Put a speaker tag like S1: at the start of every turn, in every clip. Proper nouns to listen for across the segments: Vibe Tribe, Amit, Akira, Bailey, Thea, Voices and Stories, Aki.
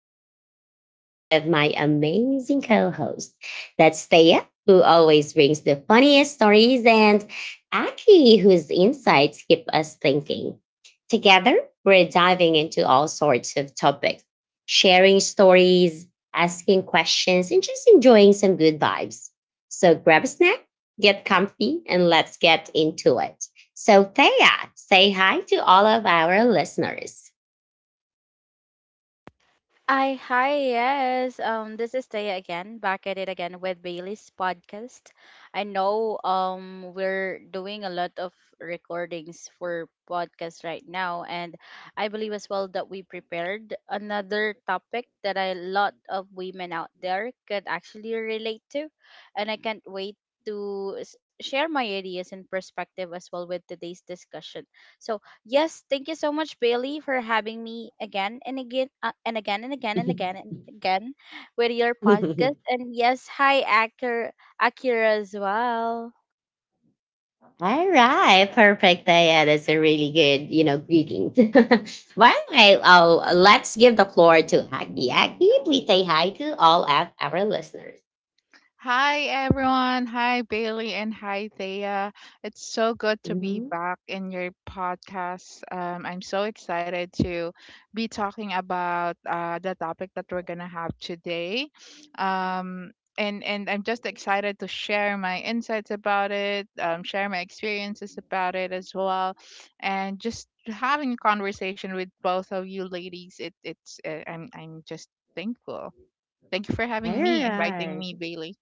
S1: Bailey and I'm here with my amazing co host. That's Thea, who always brings the funniest stories, and Aki, whose insights keep us thinking. Together, we're diving into all sorts of topics, sharing stories, asking questions, and just enjoying some good vibes. So grab a snack, get comfy, and let's get into it. So, Thea, say hi to all of our listeners.
S2: I Hi, yes. This is Taya again, back at it again with Bailey's podcast. I know we're doing a lot of recordings for podcast right now, and I believe as well that we prepared another topic that a lot of women out there could actually relate to, and I can't wait to share my ideas and perspective as well with today's discussion. So, yes, thank you so much, Bailey, for having me again and again and again and again and again and again with your podcast. And yes, hi, Akira as well.
S1: All right, perfect. Thea, that's a really good, greetings. By the I? Oh, let's give the floor to Aggie. Aggie, please say hi to all of our listeners.
S3: Hi everyone. Hi Bailey and hi Thea. It's so good to be
S1: Mhm.
S3: back in your podcast. I'm so excited to be talking about the topic that we're gonna have today. Um, and I'm just excited to share my insights about it, share my experiences about it as well, and just having a conversation with both of you ladies. It it's I'm just thankful. Thank you for
S1: All
S3: having me, inviting
S1: right.
S3: me, Bailey.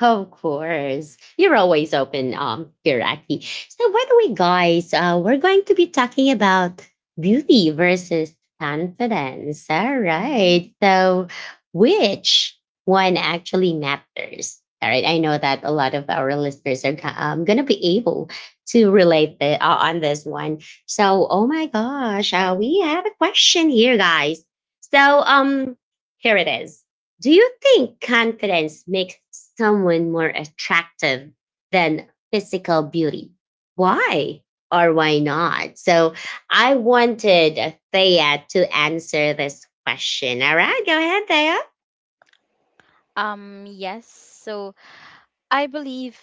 S1: Of course. You're always open, Kiraki. So by the way, guys, we're going to be talking about beauty versus confidence. All right.
S3: Mhm.
S1: So which one actually matters? All right. I know that a lot of our listeners are going to be able to relate the, on this one. So, oh my gosh, we have a question here, guys. So, here it is. Do you think confidence makes someone more attractive than physical beauty? Why or why not? So I wanted Thea to answer this question. All right, go ahead, Thea.
S2: Yes. So I believe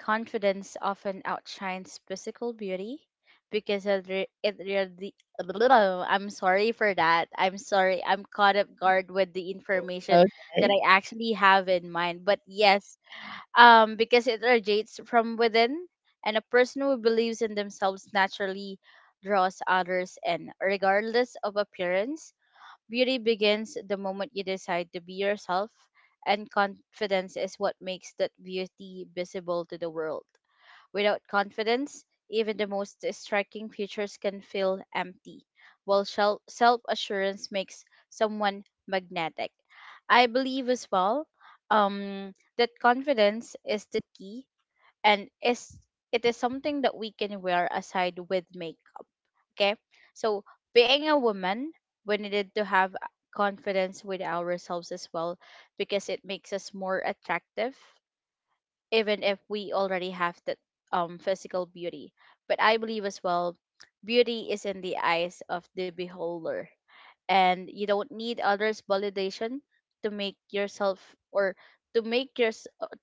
S2: confidence often outshines physical beauty because it really. I'm sorry for that. I'm sorry. I'm caught up guard with the information that
S1: Okay.
S2: I actually have in mind. But yes, because it radiates from within, and a person who believes in themselves naturally draws others in, regardless of appearance. Beauty begins the moment you decide to be yourself, and confidence is what makes that beauty visible to the world. Without confidence, even the most striking futures can feel empty, while self assurance makes someone magnetic. I believe as well that confidence is the key, and is it is something that we can wear aside with makeup. Okay, so being a woman, we needed to have confidence with ourselves as well because it makes us more attractive even if we already have that physical beauty. But I believe as well, beauty is in the eyes of the beholder, and you don't need others' validation to make yourself or to make your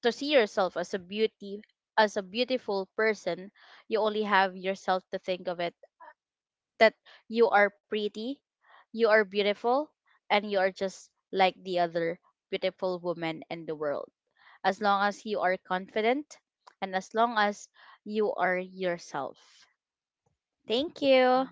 S2: to see yourself as a beautiful person. You only have yourself to think of it that you are pretty, you are beautiful, and you are just like the other beautiful woman in the world. As long as you are confident and as long as you are yourself. Thank you.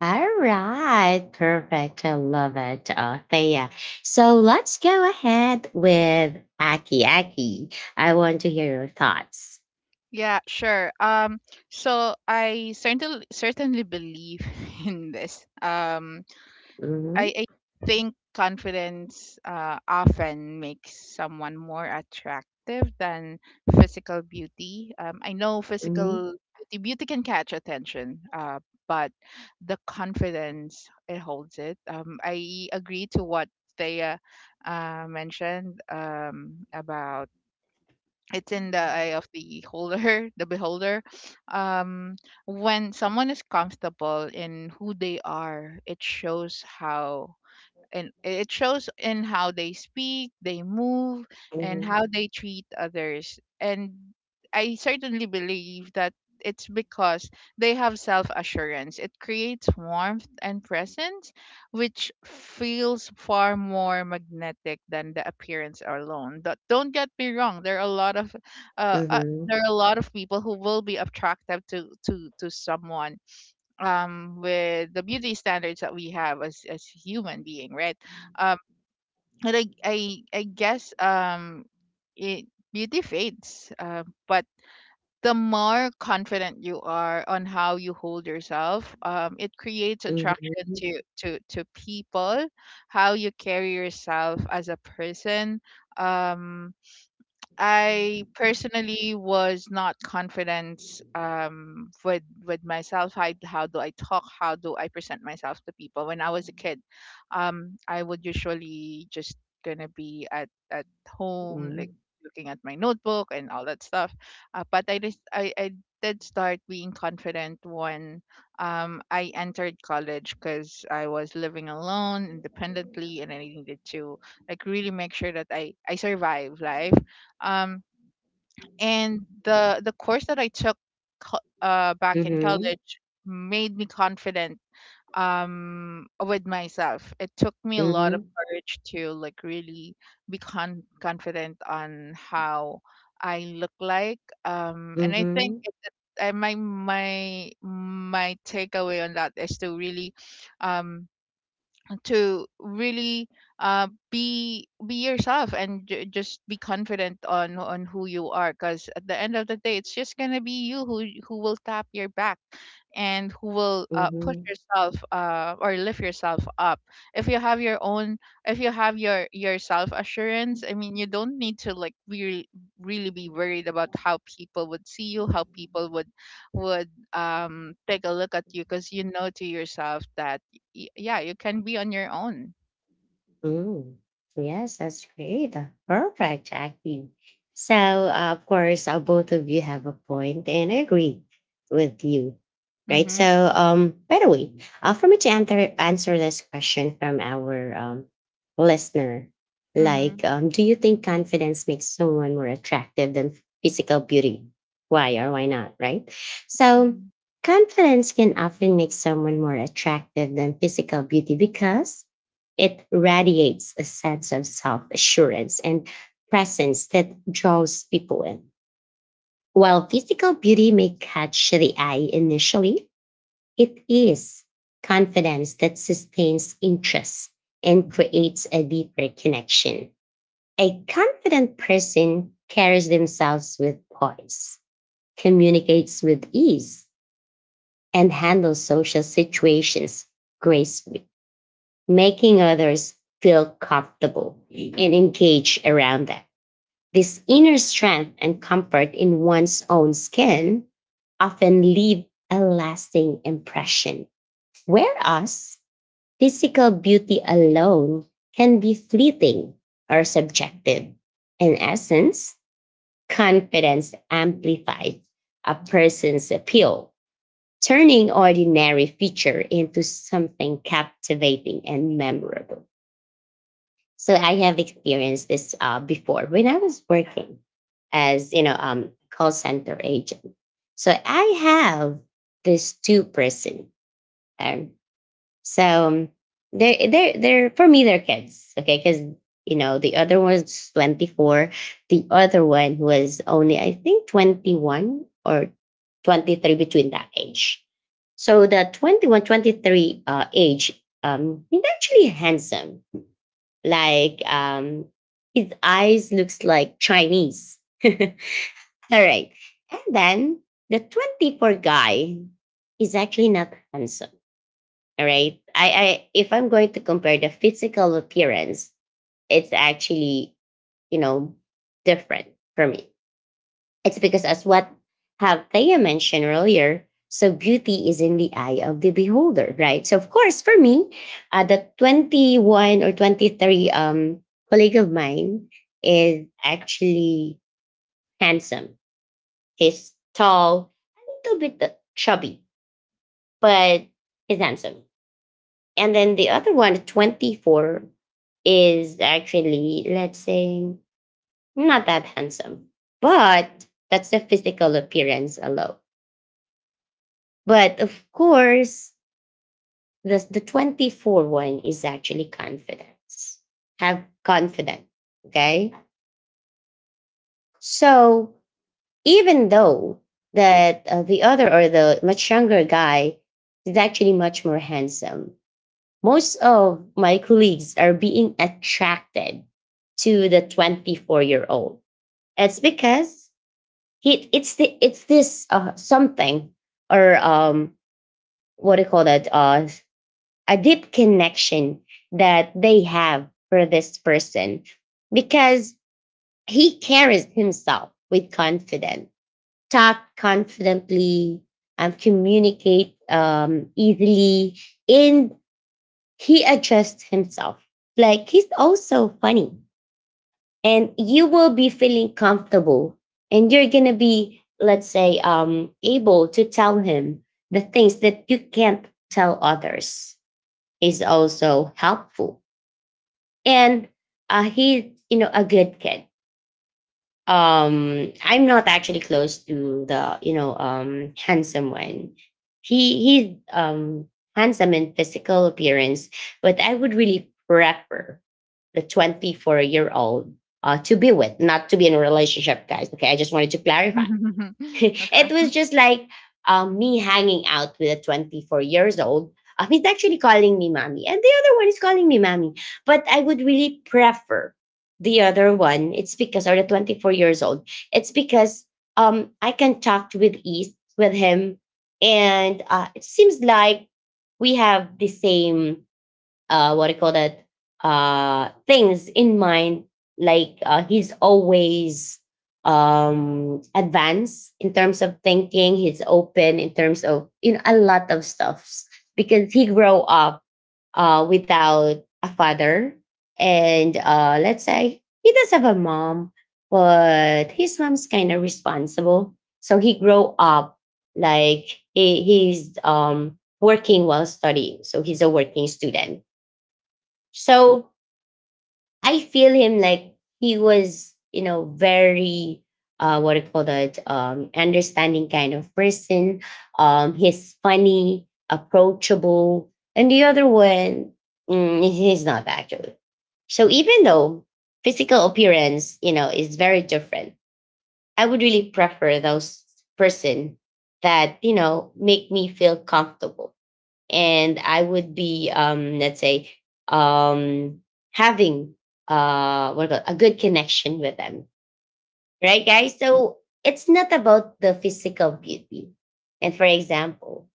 S1: All right, perfect. I love it, Thea. So let's go ahead with Aki. I want to hear your thoughts.
S3: Yeah, sure. So I certainly believe in this. Um,
S1: Hmm.
S3: I, I think confidence often makes someone more attractive than physical beauty. I know
S1: Hmm.
S3: physical beauty can catch attention, but the confidence it holds it. I agree to what Thea mentioned about it's in the eye of the holder, the beholder. Um, when someone is comfortable in who they are, it shows how and it shows in how they speak, they move, and
S1: Hmm.
S3: how they treat others. And I certainly believe that it's because they have self assurance. It creates warmth and presence, which feels far more magnetic than the appearance alone. But don't get me wrong, there are a lot of
S1: Hmm.
S3: there are a lot of people who will be attractive to someone with the beauty standards that we have as human being right um but i i, I guess it beauty fades, but the more confident you are on how you hold yourself, it creates attraction to people, how you carry yourself as a person. um I personally was not confident with myself. How do I talk? How do I present myself to people? When I was a kid, I would usually just gonna be at home, like
S1: Hmm.
S3: looking at my notebook and all that stuff. But I did start being confident when I entered college because I was living alone independently and I needed to like really make sure that I survive life, um, and the course that I took back in
S1: Mhm.
S3: college made me confident with myself. It took me a lot of
S1: Mhm.
S3: courage to like really be confident on how I look like. um and i think
S1: Mhm.
S3: it, it- I, my takeaway on that is to really um to really be yourself and just be confident on who you are, because at the end of the day it's just gonna be you who will tap your back and who will push
S1: Mhm.
S3: yourself or lift yourself up. If you have your own, if you have your self assurance, I mean, you don't need to like really be worried about how people would see you, how people would take a look at you, because you know to yourself that yeah, you can be on your own.
S1: Ooh, yes, that's great. Perfect, Jackie. So, of course, both of you have a point and I agree with you, right?
S3: Mhm.
S1: So, by the way, for me to answer this question from our listener,
S3: Mhm.
S1: like, do you think confidence makes someone more attractive than physical beauty? Why or why not, right? So,
S3: Mhm.
S1: confidence can often make someone more attractive than physical beauty because it radiates a sense of self assurance and presence that draws people in. While physical beauty may catch the eye initially, it is confidence that sustains interest and creates a deeper connection. A confident person carries themselves with poise, communicates with ease, and handles social situations gracefully, making others feel comfortable and engaged around them. This inner strength and comfort in one's own skin often leave a lasting impression, whereas physical beauty alone can be fleeting or subjective. In essence, confidence amplifies a person's appeal, turning ordinary feature into something captivating and memorable. So I have experienced this before when I was working as you know call center agent. So I have this two person, and so they're for me they're kids, okay? Because you know the other one's 24, the other one was only I think 21 or 23 between that age. So the 21 23 age, he's actually handsome like his eyes looks like Chinese. All right. And then the 24 guy is actually not handsome. All right. I if I'm going to compare the physical appearance, it's actually, you know, different for me. It's because, as what have Thea mentioned earlier, so beauty is in the eye of the beholder, right? So, of course, for me, the 21 or 23 colleague of mine is actually handsome. He's tall, a little bit chubby, but he's handsome. And then the other one, 24, is actually, let's say, not that handsome, but that's the physical appearance alone. But of course, the 24 one is actually confidence. Have confidence. Okay. So even though that the other or the much younger guy is actually much more handsome, most of my colleagues are being attracted to the 24-year-old. It's because he, it's the, it's this something or what do you call that? A deep connection that they have for this person because he carries himself with confidence, talk confidently, and communicate easily, and he adjusts himself. Like he's also funny, and you will be feeling comfortable, and you're gonna be, let's say, able to tell him the things that you can't tell others is also helpful and he's you know a good kid. I'm not actually close to the you know handsome one. He's handsome in physical appearance, but I would really prefer the 24-year old, to be with, not to be in a relationship, guys, okay? I just wanted to clarify.
S3: Okay.
S1: It was just like me hanging out with a 24 years old. He's actually calling me mommy, and the other one is calling me mommy. But I would really prefer the other one. It's because, or the 24 years old, it's because I can talk with ease with him. And it seems like we have the same what do you call that things in mind, like he's always advanced in terms of thinking. He's open in terms of you know a lot of stuffs, because he grew up without a father, and let's say he does have a mom, but his mom's kind of responsible. So he grew up like he's working while studying, so he's a working student. So I feel him like he was, you know, very what do you call that? Um, understanding kind of person. Um, he's funny, approachable. And the other one, mm, he's not actually. So even though physical appearance, you know, is very different, I would really prefer those person that, you know, make me feel comfortable, and I would be, let's say, um, having what do you call it, a good connection with them, right, guys? So it's not about the physical beauty. And for example,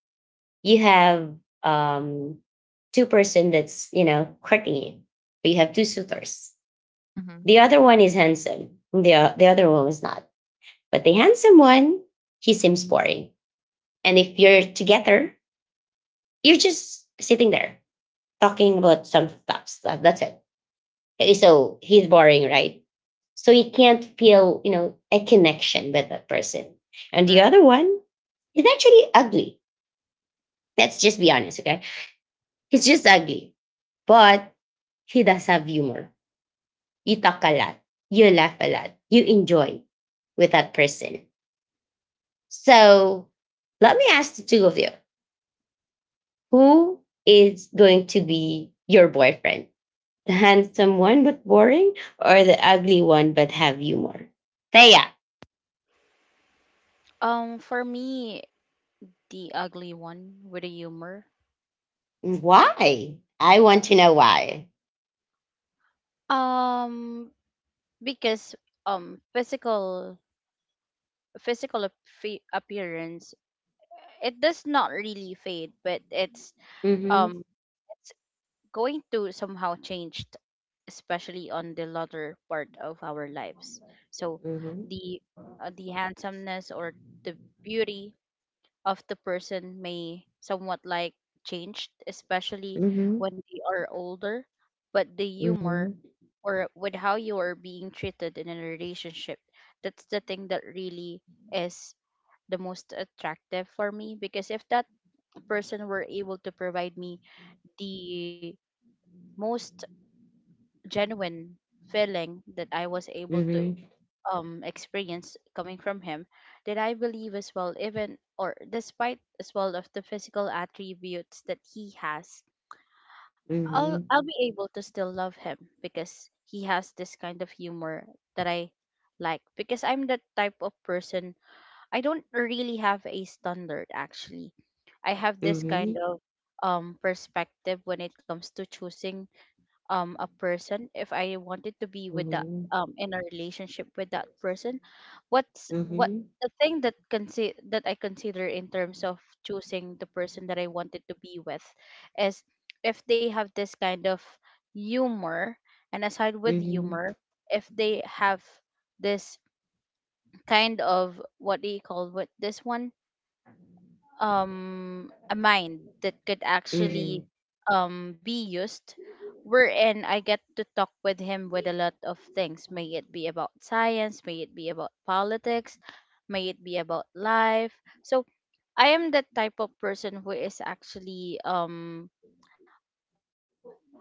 S1: you have um, two-person that's you know courting you, but you have two suitors.
S3: Mhm.
S1: The other one is handsome. The other one is not. But the handsome one, he seems boring. And if you're together, you're just sitting there talking about some stuff. That's it. Okay, so he's boring, right? So you can't feel, you know, a connection with that person. And the
S3: Right.
S1: other one is actually ugly. Let's just be honest, okay? He's just ugly. But he does have humor. You talk a lot. You laugh a lot. You enjoy with that person. So let me ask the two of you, who is going to be your boyfriend? The handsome one but boring, or the ugly one but have humor? Thea.
S2: For me, the ugly one with the humor.
S1: Why? I want to know why.
S2: Um, because um physical physical appearance, it does not really fade, but
S1: Mm-hmm.
S2: um it's going to somehow change, especially on the latter part of our lives. So
S1: Mm-hmm.
S2: the the handsomeness or the beauty of the person may somewhat like changed, especially
S1: Mm-hmm.
S2: when they are older. But the
S1: Mm-hmm.
S2: humor, or with how you are being treated in a relationship, that's the thing that really is the most attractive for me, because if that person were able to provide me the most genuine feeling that I was able
S1: Mm-hmm.
S2: to
S1: Mm-hmm.
S2: experience coming from him, that I believe as well, even or despite as well of the physical attributes that he has, I'll
S1: Mm-hmm.
S2: I'll be able to still love him because he has this kind of humor that I like, because I'm that type of person. I don't really have a standard, actually. I have this kind
S1: Mm-hmm.
S2: of perspective when it comes to choosing a person, if I wanted to be with that,
S1: Mm-hmm.
S2: in a relationship with that person. What's what
S1: Mm-hmm.
S2: the thing that I consider in terms of choosing the person that I wanted to be with, is if they have this kind of humor, and aside with
S1: Mm-hmm.
S2: humor, if they have this kind of, what do you call, what this one, a mind that could actually be used, wherein I get to talk with him with a lot of things. May it be about science, may it be about politics, may it be about life. So I am that type of person who is actually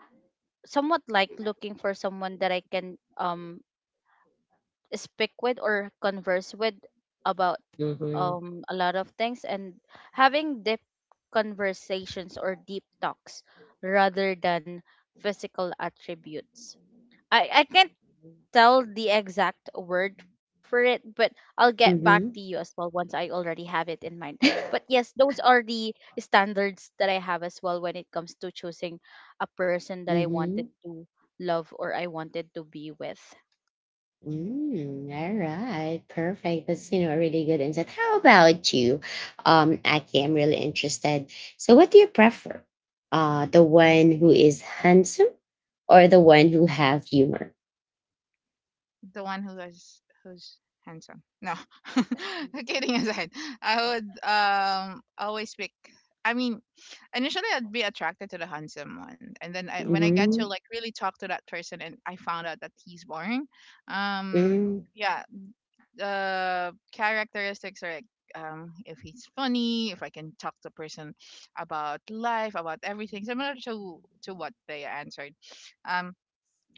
S2: somewhat like looking for someone that I can speak with or converse with about
S1: Mm-hmm.
S2: a lot of things, and having deep conversations or deep talks rather than physical attributes. I can't tell the exact word for it, but I'll get back
S1: Mm-hmm.
S2: to you as well once I already have it in mind. But yes, those are the standards that I have as well when it comes to choosing a person that I
S1: Mm-hmm.
S2: wanted to love or I wanted to be with.
S1: Mm, all right, perfect. That's you know a really good insight. How about you, Aki? I'm really interested. So, what do you prefer? The one who is handsome, or the one who have humor?
S3: The one who is who's handsome. No. Kidding aside, I would always pick. I mean, initially I'd be attracted to the handsome one, and then when I got to
S1: Mm-hmm.
S3: like really talk to that person, and I found out that he's boring. Um.
S1: Mm-hmm.
S3: Yeah, characteristics are like, if he's funny, if I can talk to a person about life, about everything, similar to what they answered. Um,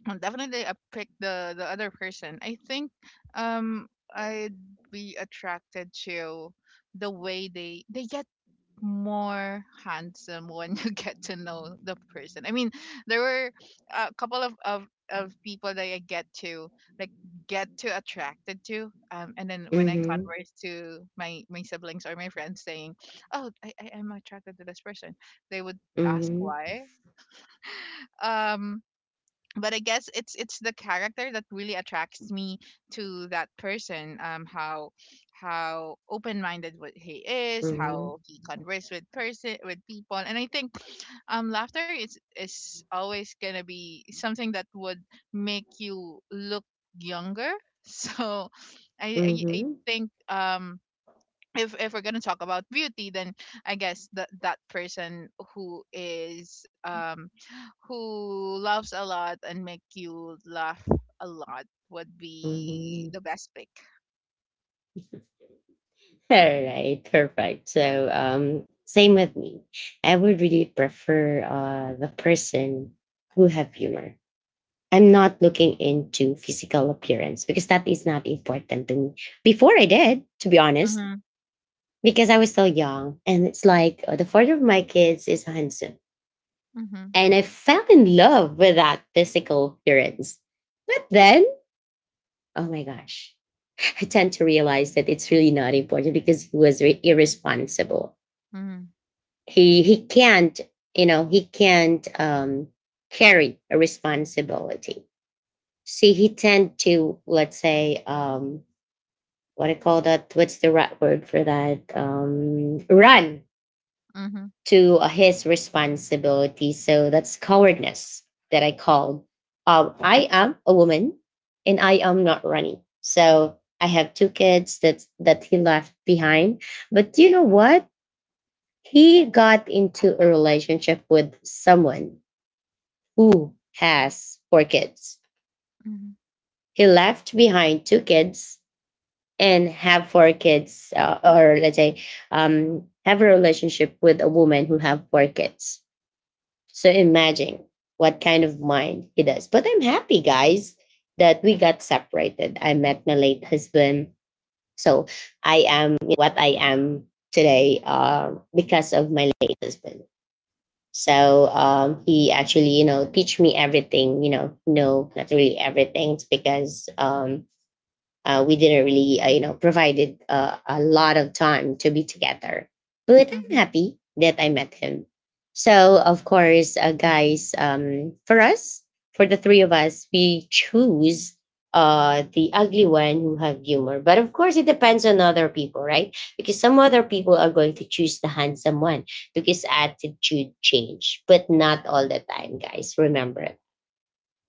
S3: and definitely I pick the other person. I think um I'd be attracted to the way they get more handsome when you get to know the person. I mean, there were a couple of of people that I get to like get to attracted to, and then when I
S1: Mm-hmm.
S3: converse to my siblings or my friends, saying, "Oh, I am attracted to this person," they would ask why. Um, but I guess it's the character that really attracts me to that person. How open minded what he is,
S1: Mm-hmm.
S3: how he converse with person with people, and I think laughter is always gonna be something that would make you look younger. So I I, I
S1: Mm-hmm.
S3: think if if we're gonna talk about beauty, then I guess that person who is who loves a lot and make you laugh a lot would be
S1: Mm-hmm.
S3: the best pick.
S1: All right, perfect. So, same with me. I would really prefer the person who have humor. I'm not looking into physical appearance because that is not important to me. Before I did, to be honest,
S3: Mhm.
S1: because I was so young. And it's like oh, the father of my kids is handsome.
S3: Mhm.
S1: And I fell in love with that physical appearance. But then, oh my gosh, I tend to realize that it's really not important because he was irresponsible.
S3: Mhm.
S1: He can't, you know, he can't carry a responsibility. See, he tend to, let's say, what do you call that? What's the right word for that? Run
S3: Mhm.
S1: to his responsibility. So that's cowardness that I called. I am a woman and I am not running. So I have 2 kids that he left behind. But you know what? He got into a relationship with someone who has 4 kids.
S3: Mhm.
S1: He left behind 2 kids and have 4 kids or let's say have a relationship with a woman who have 4 kids. So imagine what kind of mind he does. But I'm happy guys that we got separated. I met my late husband. So I am what I am today, because of my late husband. So he actually you know teach me everything. You know, no, not really everything. It's because we didn't really, you know, provided a lot of time to be together. But I'm
S3: Mhm.
S1: happy that I met him. So, of course, guys, for us, for the three of us, we choose the ugly one who have humor. But of course, it depends on other people, right? Because some other people are going to choose the handsome one because attitude change, but not all the time, guys. Remember,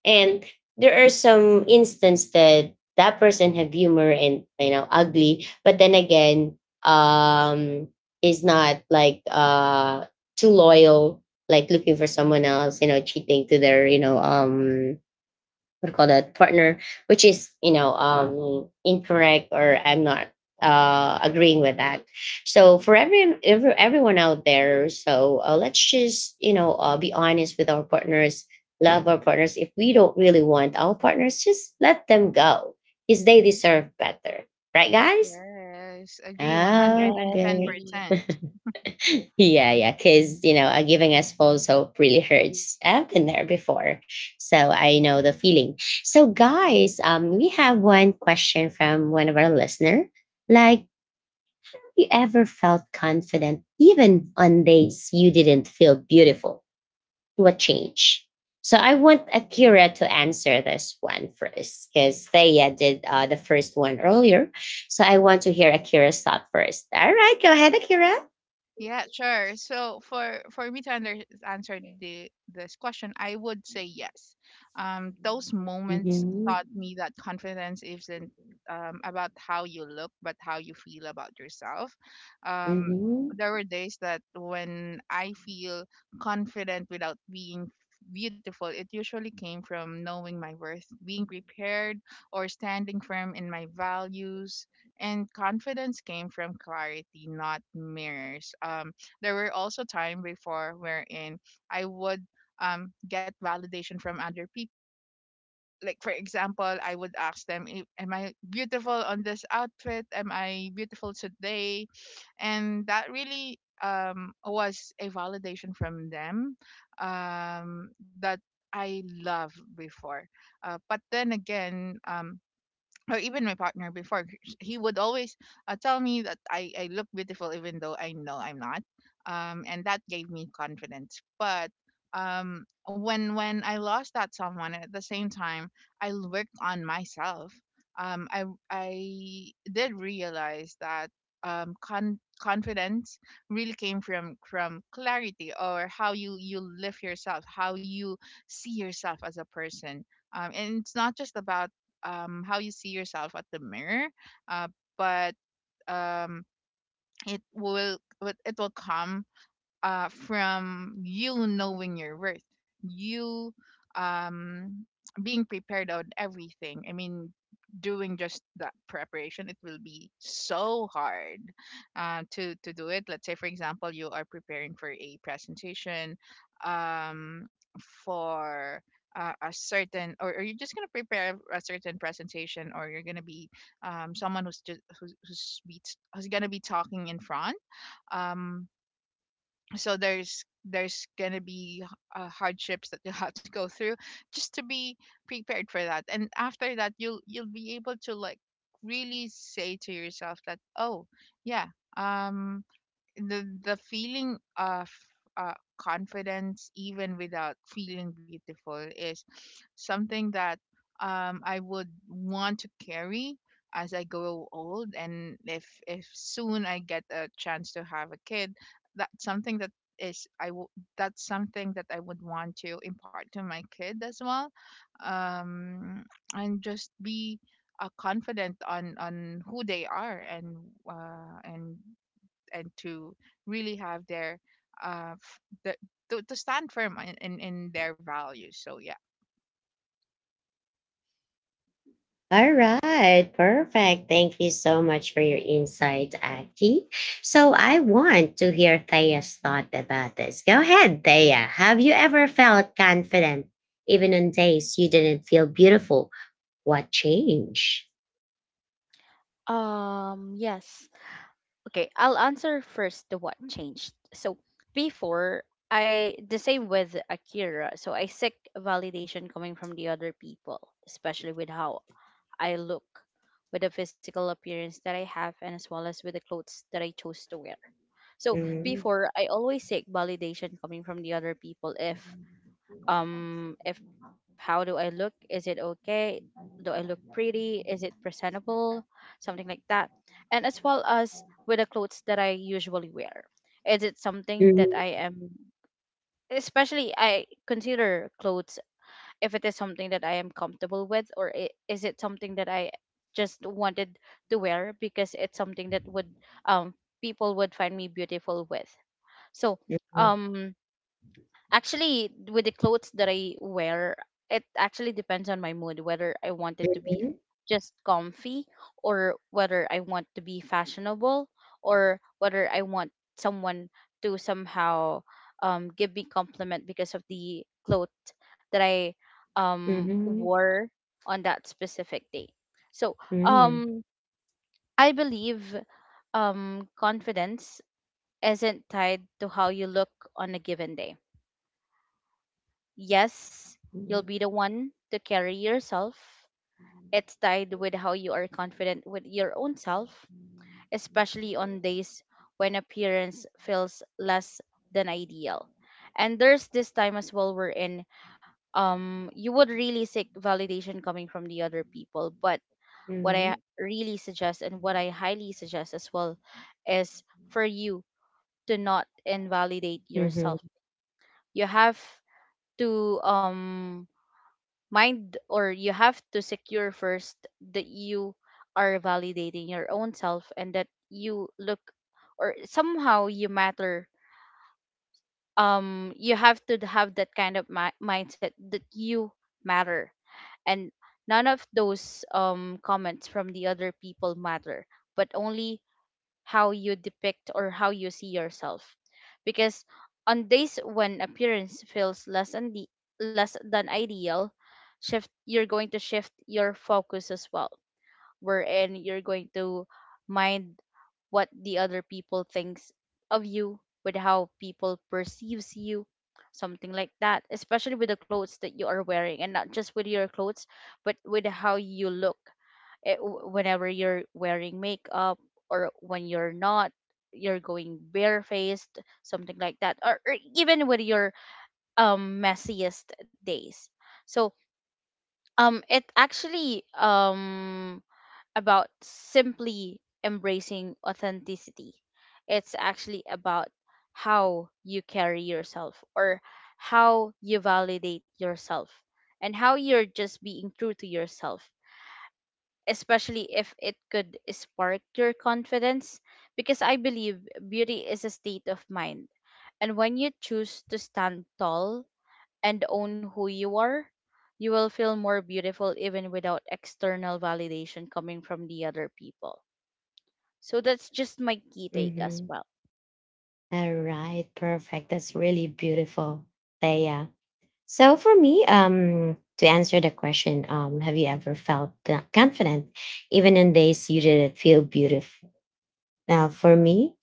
S1: and there are some instances that that person have humor and ugly, but then again, um, is not like too loyal, like looking for someone else, cheating to their we call that partner, which is incorrect or I'm not agreeing with that. So for everyone out there, so let's just be honest with our partners, love our partners. If we don't really want our partners, just let them go, because they deserve better, right, guys?
S3: Yes, agree one hundred and
S2: Yes,
S3: ten
S1: Okay,
S2: agree.
S3: percent.
S1: yeah, yeah. Because, giving us false hope really hurts. I've been there before. So I know the feeling. So, guys, we have one question from one of our listener. Like, have you ever felt confident even on days you didn't feel beautiful? What changed? So I want Akira to answer this one first because Thea did the first one earlier. So I want to hear Akira's thought first. All right, go ahead, Akira.
S3: Yeah, sure. So for me to answer the this question, I would say yes. Those moments
S1: Mm-hmm.
S3: taught me that confidence isn't about how you look, but how you feel about yourself. Um,
S1: Mm-hmm.
S3: there were days that when I feel confident without being beautiful, it usually came from knowing my worth, being prepared, or standing firm in my values, and confidence came from clarity, not mirrors. There were also time before wherein I would get validation from other people. Like for example, I would ask them, "Am I beautiful on this outfit? Am I beautiful today?" and that really was a validation from them that I loved before. But then again, or even my partner before he would always tell me that I look beautiful even though I know I'm not, and that gave me confidence. But when when I lost that someone, at the same time worked on myself. um, I, I did realize that confidence really came from clarity, or how you you live yourself, how you see yourself as a person, and it's not just about how you see yourself at the mirror, uh but um it will come from you knowing your worth, you um, being prepared on everything. I mean, doing just that preparation, it will be so hard to do it. Let's say, for example, you are preparing for a presentation, um, for a certain, or you're just gonna prepare a certain presentation, or you're gonna be someone who's just who's gonna be talking in front. Um, so there's gonna be hardships that you'll have to go through just to be prepared for that, and after that you'll be able to like really say to yourself that, oh, yeah, um the feeling of confidence even without feeling beautiful is something that I would want to carry as I grow old, and if soon I get a chance to have a kid, that's something that is I w- that's something that I would want to impart to my kid as well, um, and just be confident on who they are, and uh, and to really have their uh f- the, to stand firm in, in their values. So yeah.
S1: All right, perfect. Thank you so much for your insight, Aki. So I want to hear Thea's thought about this. Go ahead, Thea. Have you ever felt confident, even on days you didn't feel beautiful? What changed?
S2: Yes. Okay, I'll answer first the what changed. So before, I the same with Akira. So I seek validation coming from the other people, especially with how I look, with the physical appearance that I have, and as well as with the clothes that I chose to wear. So
S1: Mhm,
S2: before, I always seek validation coming from the other people, if how do I look, is it okay, do I look pretty, is it presentable, something like that, and as well as with the clothes that I usually wear, is it something that
S1: mhm,
S2: I am, especially I consider clothes, if it is something that I am comfortable with, is it something that I just wanted to wear because it's something that would, um people would find me beautiful with. So, um actually, with the clothes that I wear, it actually depends on my mood, whether I want it to be
S1: mhm,
S2: just comfy, or whether I want to be fashionable, or whether I want someone to somehow give me compliment because of the clothes that I
S1: mhm,
S2: wore on that specific day. So
S1: mhm,
S2: um, I believe confidence isn't tied to how you look on a given day. Yes, you'll
S1: mhm,
S2: be the one to carry yourself. It's tied with how you are confident with your own self, especially on days when appearance feels less than ideal. And there's this time as well wherein you would really seek validation coming from the other people. But what I
S1: mhm,
S2: really suggest, and what I highly suggest as well, is for you to not invalidate
S1: mhm,
S2: yourself.
S1: mhm,
S2: You have to mind, or you have to secure first that you are validating your own self, and that you look, or somehow you matter. You have to have that kind of mindset that you matter, and none of those comments from the other people matter, but only how you depict or how you see yourself, because on days when appearance feels less than the less than ideal, shift you're going to shift your focus as well, wherein you're going to mind what the other people thinks of you, with how people perceives you, something like that, especially with the clothes that you are wearing, and not just with your clothes, but with how you look, whenever you're wearing makeup, or when you're not, you're going barefaced, something like that, or even with your messiest days. So it actually, about simply embracing authenticity. It's actually about how you carry yourself, or how you validate yourself, and how you're just being true to yourself, especially if it could spark your confidence, because I believe beauty is a state of mind. And when you choose to stand tall and own who you are, you will feel more beautiful even without external validation coming from the other people. So that's just my key take as
S1: mhm.
S2: well.
S1: All right, perfect. That's really beautiful, Thea. So for me, to answer the question, have you ever felt confident even on days you didn't feel beautiful? Now, for me,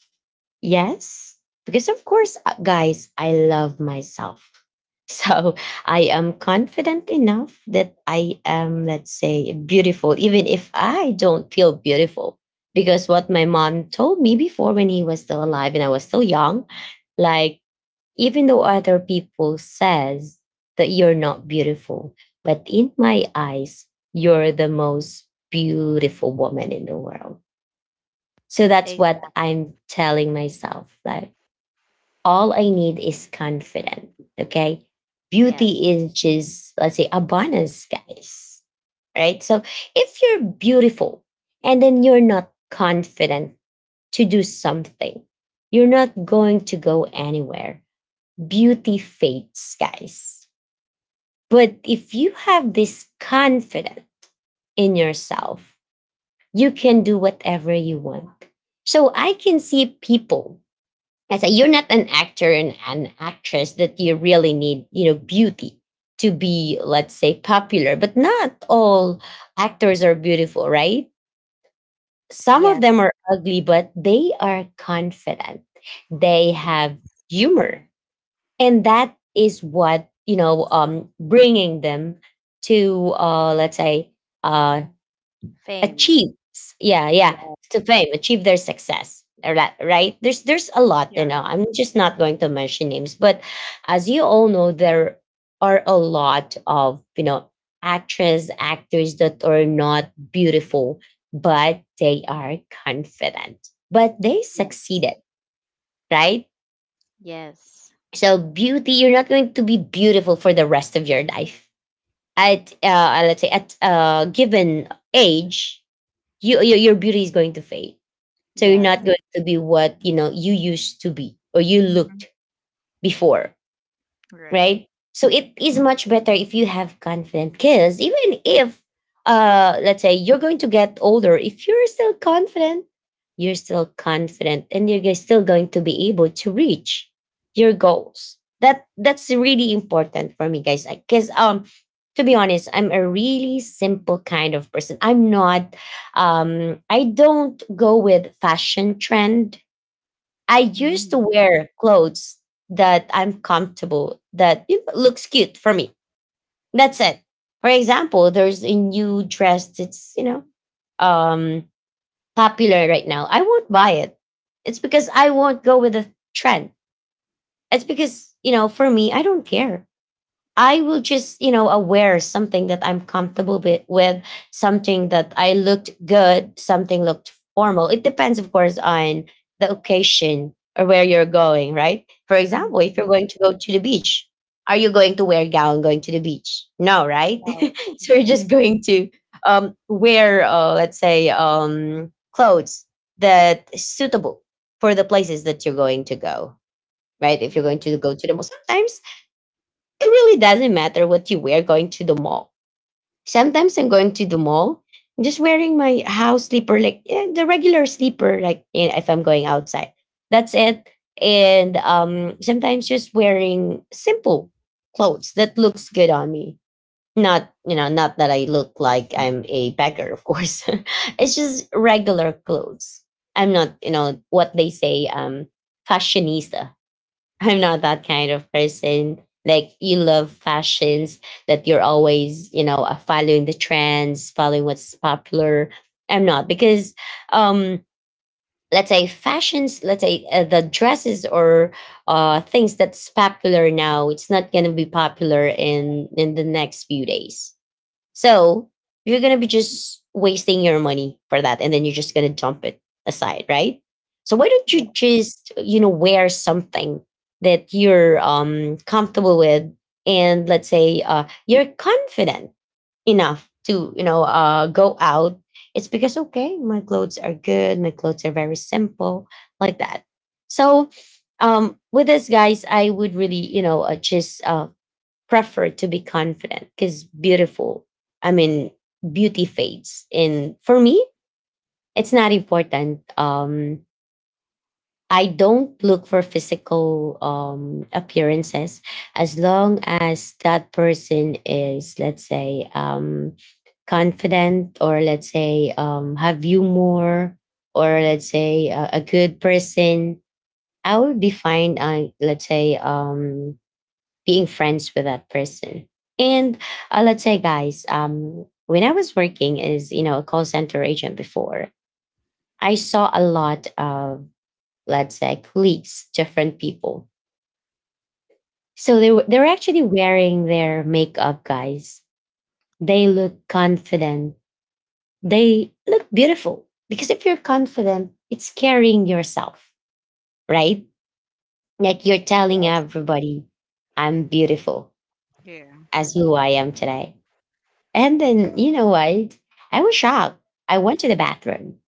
S1: yes, because of course, guys, I love myself. So I am confident enough that I am, let's say, beautiful, even if I don't feel beautiful. Because what my mom told me before when he was still alive and I was still young, like even though other people says that you're not beautiful, but in my eyes you're the most beautiful woman in the world. So that's what
S2: Exactly.
S1: I'm telling myself, like all I need is confidence. Okay,
S2: Yes.
S1: beauty is just, let's say, a bonus, guys, right? So if you're beautiful and then you're not confident to do something, you're not going to go anywhere. Beauty fades, guys. But if you have this confidence in yourself, you can do whatever you want. So I can see people I say you're not an actor and an actress that you really need, beauty to be, let's say, popular. But not all actors are beautiful, right? Some of
S2: Yes.
S1: them are ugly, but they are confident. They
S2: Yeah.
S1: have humor. And that is what bringing them to let's say uh
S2: Fame.
S1: achieve, yeah, yeah,
S2: Yes.
S1: to fame, achieve their success or that. Right, there's a lot,
S3: Yeah.
S1: I'm just not going to mention names, but as you all know, there are a lot of actress actors that are not beautiful but they are confident but they
S2: Yes.
S1: succeeded, right?
S2: Yes.
S1: So beauty, you're not going to be beautiful for the rest of your life. At let's say at a given age, your beauty is going to fade. So you're not
S2: Yes.
S1: going to be what you used to be or you
S3: Mm-hmm.
S1: looked before,
S3: Right.
S1: right? So it is much better if you have confident kids, even if, let's say you're going to get older. If you're still confident, you're still confident, and still going to be able to reach your goals. That's really important for me, guys. Because to be honest, I'm a really simple kind of person. I don't go with fashion trend. I used to
S3: Mm-hmm.
S2: Mhm.
S1: wear clothes that I'm comfortable, that looks cute for me. That's it. For example, there's a new dress that's, um popular right now. I won't buy it. It's because I won't go with the trend. It's because, for me, I don't care. I will just, aware something that I'm comfortable with something that I looked good, something looked formal. It depends, of course, on the occasion or where you're going, right? For example, if
S3: Mm-hmm.
S1: you're
S2: Yes.
S1: going to go to the beach, are you going to wear a gown going to the beach? No, right?
S2: No.
S1: So you're just going to wear, let's say, clothes that is suitable for the places that you're going to go, right? If you're going to
S2: Yes.
S1: go to the mall, sometimes it really doesn't matter what you wear going to the mall. Sometimes
S3: Mm-hmm.
S1: I'm going to the mall, just wearing my house sleeper, the regular sleeper, if I'm going outside. That's it. And sometimes just wearing simple clothes that looks good on me. Not, not that I look like I'm a beggar, of course. It's just regular clothes. I'm not, what they say, fashionista. I'm not that kind of person. Like you love fashions that you're always, following the trends, following what's popular. I'm not because, um, let's say fashions, let's say the dresses or things that's popular now, it's not gonna be popular in the next few days. So you're gonna be just wasting your money for that, and then you're just gonna dump it aside, right? So why don't you
S2: Yes.
S1: just wear something that you're comfortable with, and let's say you're confident enough to go out. It's because okay, my clothes are good. My clothes are very simple, like that. So with this, guys, I would really you know just prefer to be confident because beautiful, I mean, beauty fades. And for me, it's not important. I don't look for physical appearances as long as that person is, let's say, confident or let's say have humor, or let's say a good person, I will be fine let's say being friends with that person. And let's say, guys, when I was working as a call center agent before, I saw a lot of, let's say, colleagues, different people. So they're actually wearing their makeup, guys. They look confident. They look beautiful because if you're confident, it's carrying yourself, right? Like you're telling
S2: Yes.
S1: everybody, "I'm beautiful
S3: Yeah.
S1: as who I am today." And then, you know what? I was shocked. I went to the bathroom.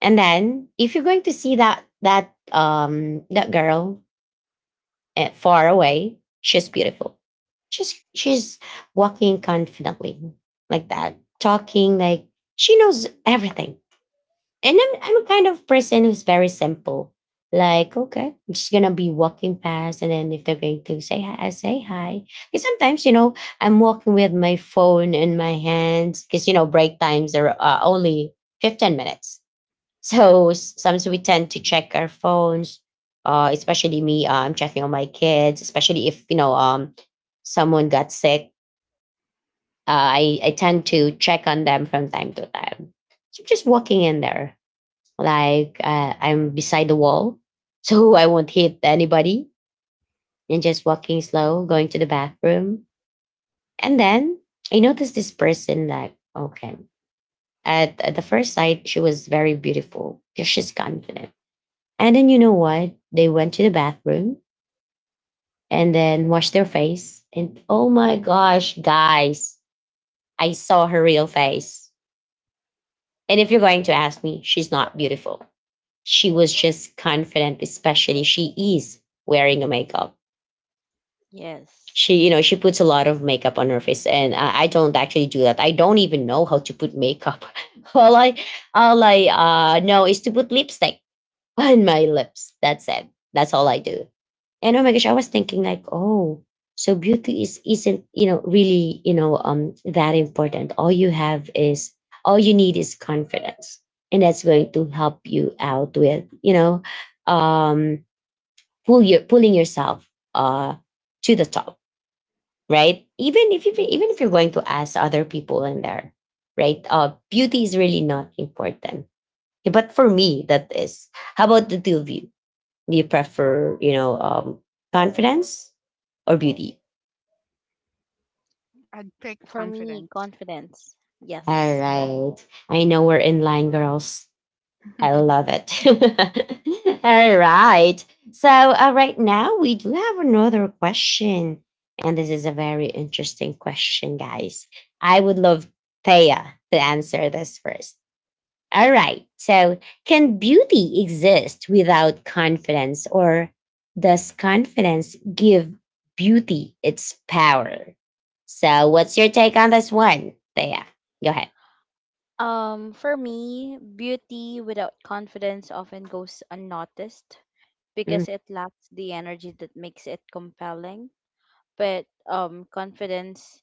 S1: And then if you're going to see that that girl far away, she's beautiful. She's walking confidently like that, talking like she knows everything. And I'm a kind of person who's very simple. Like, okay, I'm just gonna be walking past, and then if they're going to say hi, I say hi. Because sometimes, I'm walking with my phone in my hands because you know break times are only 15 minutes. So sometimes we tend to check our phones. Especially me, I'm checking on my kids. Especially if someone got sick. I tend to check on them from time to time. So I'm just walking in there like I'm beside the wall, so I won't hit anybody, and just walking slow, going to the bathroom. And then I noticed this person, like, okay, at the first sight, she was very beautiful because she's confident. And then you know what? They went to the bathroom and then washed their face. And oh my gosh, guys, I saw her real face. And if you're going to ask me, she's not beautiful. She was just confident, especially she is wearing a makeup.
S2: Yes.
S1: She, she puts a lot of makeup on her face, and I don't actually do that. I don't even know how to put makeup. all I, all I know is to put lipstick on my lips. That's it. That's all I do. And oh my gosh, I was thinking like, oh, so beauty is isn't really that important. All you need is confidence, and that's going to help you out with um pulling yourself uh to the top, right? Even if you're
S2: Yes.
S1: going to ask other people in there, right? Beauty is really not important. But for me, that is. How about the two of you? Do you prefer, confidence or beauty?
S3: I'd
S2: For
S3: pick
S2: me,
S3: confidence.
S2: confidence. Yes.
S1: All right. I know we're in line, girls.
S3: Yeah.
S1: I love it. All right. So, right now, we do have another question. And this is a very interesting question, guys. I would love Thea to answer this first. All right. So, can beauty exist without confidence, or does confidence give beauty its power? So, what's your take on this one, Thea? Go ahead.
S2: For me, beauty without confidence often goes unnoticed
S1: Mm.
S2: because it lacks the energy that makes it compelling. But confidence,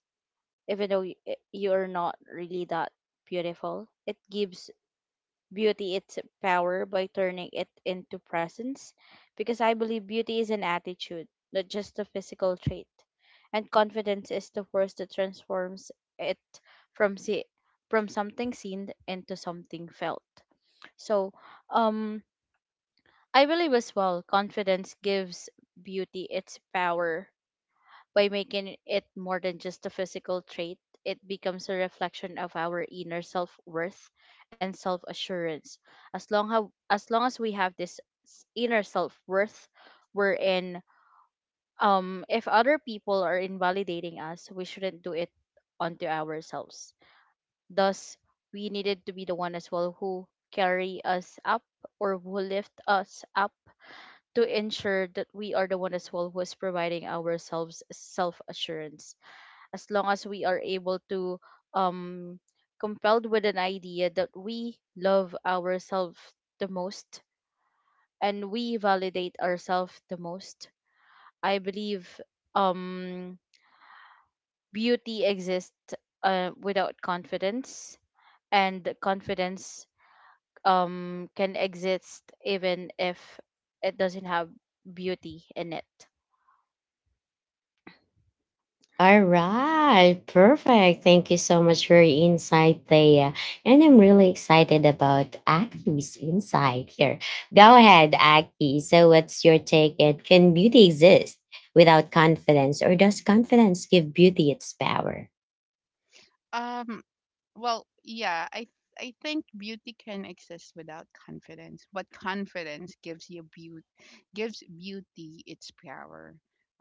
S2: even though you're not really that beautiful, it gives beauty its power by turning it into presence, because I believe beauty is an attitude, not just a physical trait. And confidence is the force that transforms it from see from something seen into something felt. So, um I believe as well confidence gives beauty its power by making it more than just a physical trait. It becomes a reflection of our inner self-worth and self-assurance. As long as we have this inner self-worth, we're in, if other people are invalidating us, we shouldn't do it onto ourselves. Thus, we needed to be the one as well who carry us up or who lift us up, to ensure that we are the one as well who is providing ourselves self assurance, as long as we are able to um compelled with an idea that we love ourselves the most and we validate ourselves the most. I believe um beauty exists, without confidence, and confidence can exist even if it doesn't have beauty in it.
S1: All right, perfect. Thank you so much for your insight, Thea. And I'm really excited about Aki's insight here. Go ahead, Aki. So, what's your take? It can beauty exist without confidence, or does confidence give beauty its power?
S3: Um. Well, yeah. I think beauty can exist without confidence, but confidence gives you gives beauty its power.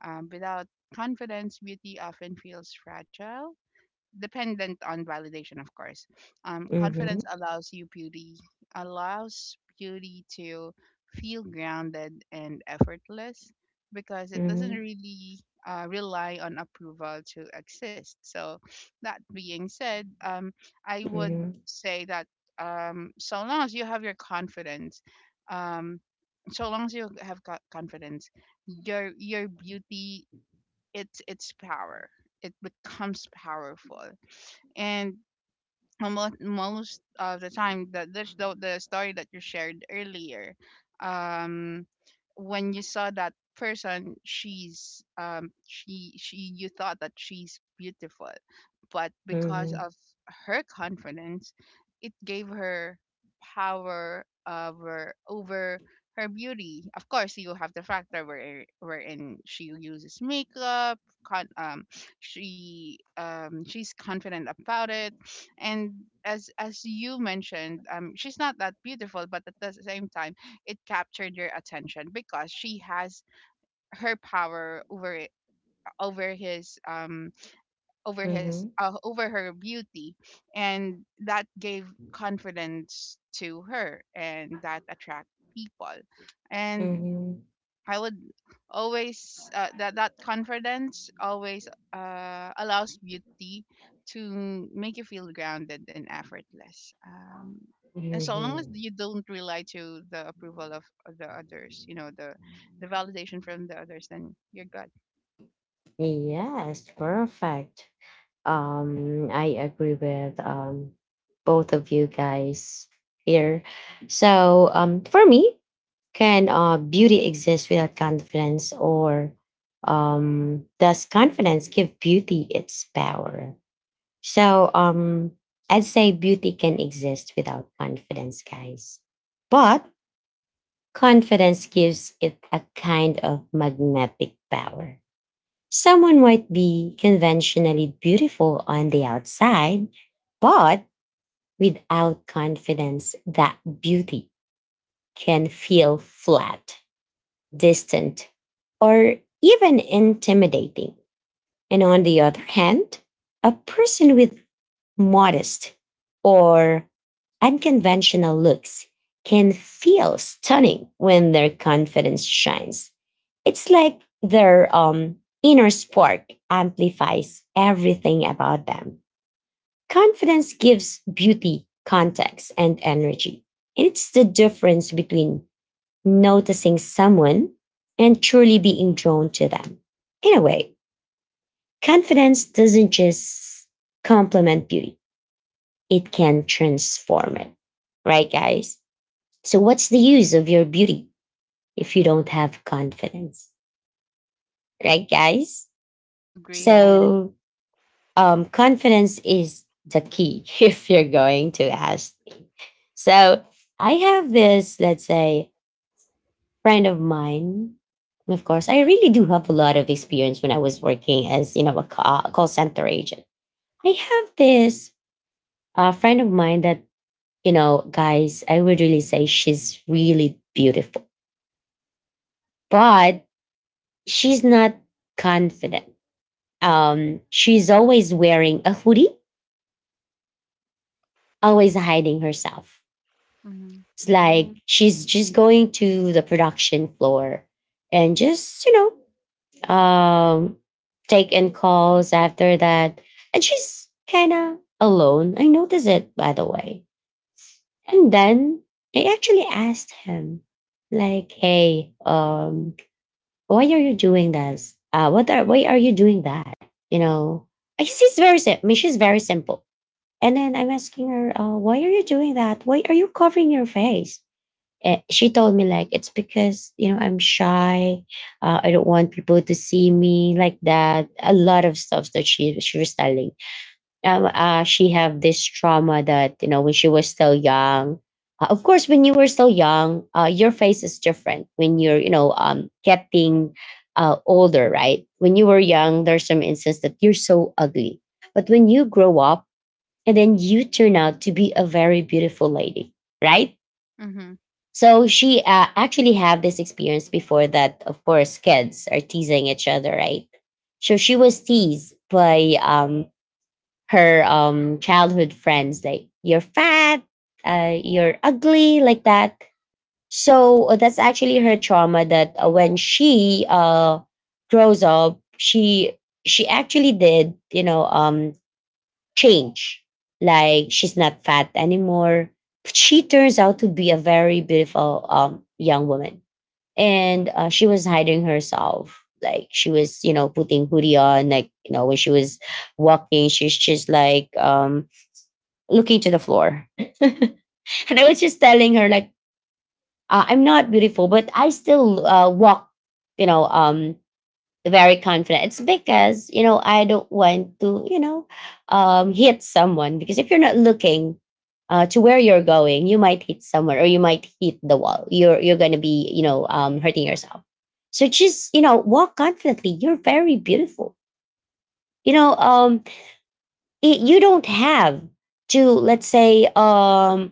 S3: Without confidence, beauty often feels fragile, dependent on validation, of course.
S1: Mhm,
S3: Confidence allows beauty to feel grounded and effortless because it doesn't
S1: mhm,
S3: really rely on approval to exist. So, that being said, I would
S1: mhm,
S3: say that, so long as you have your confidence, um, so long as you have co- confidence, your beauty, it's power. It becomes powerful, and most, most of the time, the story that you shared earlier, um when you saw that person, she's she you thought that she's beautiful, but because
S1: mhm,
S3: of her confidence it gave her power over her beauty. Of course, you have the factor wherein she uses makeup, con- um she's confident about it, and as you mentioned, she's not that beautiful, but at the same time it captured your attention because she has her power over it- over his over his
S1: mhm,
S3: over her beauty, and that gave confidence to her, and that attract people. And
S1: mhm,
S3: I would always that confidence always allows beauty to make you feel grounded and effortless. And so long as
S1: mhm.
S3: you don't rely to the approval of the others, you know, the validation from the others, then you're good.
S1: Yes, perfect. I agree with both of you guys here. So, for me, can beauty exist without confidence, or does confidence give beauty its power? So um, I'd say beauty can exist without confidence, guys. But confidence gives it a kind of magnetic power. Someone might be conventionally beautiful on the outside, but without confidence, that beauty can feel flat, distant, or even intimidating. And on the other hand, a person with modest or unconventional looks can feel stunning when their confidence shines. It's like their inner spark amplifies everything about them. Confidence gives beauty, context, and energy. It's the difference between noticing someone and truly being drawn to them. In a way, confidence doesn't just complement beauty, it can transform it. Right, guys? So, what's the use of your beauty if you don't have confidence? Right, guys?
S3: Agree.
S2: Yes.
S1: So, confidence is the key if you're going to ask. Me. So, I have this, let's say, friend of mine. Of course, I really do have a lot of experience when I was working as a call center agent. I have this friend of mine that, you know, guys, I would really say she's really beautiful, but she's not confident. She's always wearing a hoodie, always hiding herself.
S3: Mm-hmm.
S1: It's like
S2: Mm,
S1: she's just going to the production floor and just um take in calls after that, and she's kind of alone. I noticed it, by the way. And then I actually asked him, like, hey, why are you doing this? What are Why are you doing that? You know, she's very simple. I mean, she's very simple. And then I'm asking her, why are you doing that? Why are you covering your face? And she told me, like, it's because, you know, I'm shy. I don't want people to see me like that. A lot of stuff that she was telling. She have this trauma that, you know, when she was still young. Of course, when you were still young, your face is different. When you're, getting older, right? When you were young, there's some instance that you're so ugly, but when you grow up and then you turn out to be a very beautiful lady, right?
S3: Mm-hmm.
S1: So she actually have this experience before that. Of course, kids are teasing each other, right? So she was teased by her childhood friends, like, you're fat, you're ugly, like that. So that's actually her trauma. That when she grows up, she actually did, change. Like, she's not fat anymore. She turns out to be a very beautiful young woman, and she was hiding herself. Like, she was, you know, putting hoodie on. Like, you know, when she was walking, she's just like, looking to the floor. And I was just telling her, like, I'm not beautiful, but I still walk, you know, very confident. It's because, you know, I don't want to, hit someone, because if you're not looking to where you're going, you might hit someone or you might hit the wall. You're gonna be, hurting yourself. So just, you know, walk confidently. You're very beautiful. You know, um, you don't have to, let's say, um,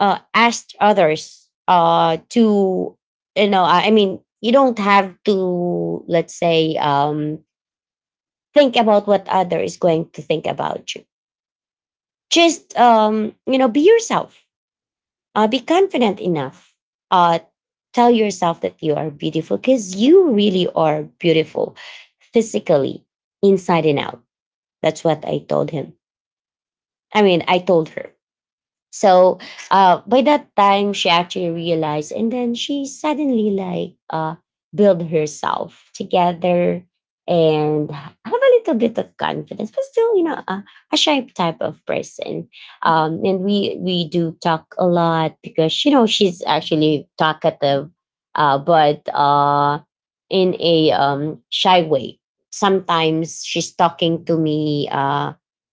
S1: uh, ask others to, you don't have to, let's say, think about what other is going to think about you. Just, you know, be yourself. Be confident enough. uh Tell yourself that you are beautiful, because you really are beautiful, physically, inside and out. That's what I told him. I mean, I told her. So, by that time, she actually realized, and then she suddenly, like, build herself together and have a little bit of confidence, but still, you know, a shy type of person. And we do talk a lot, because, you know, she's actually talkative, but in a shy way. Sometimes she's talking to me,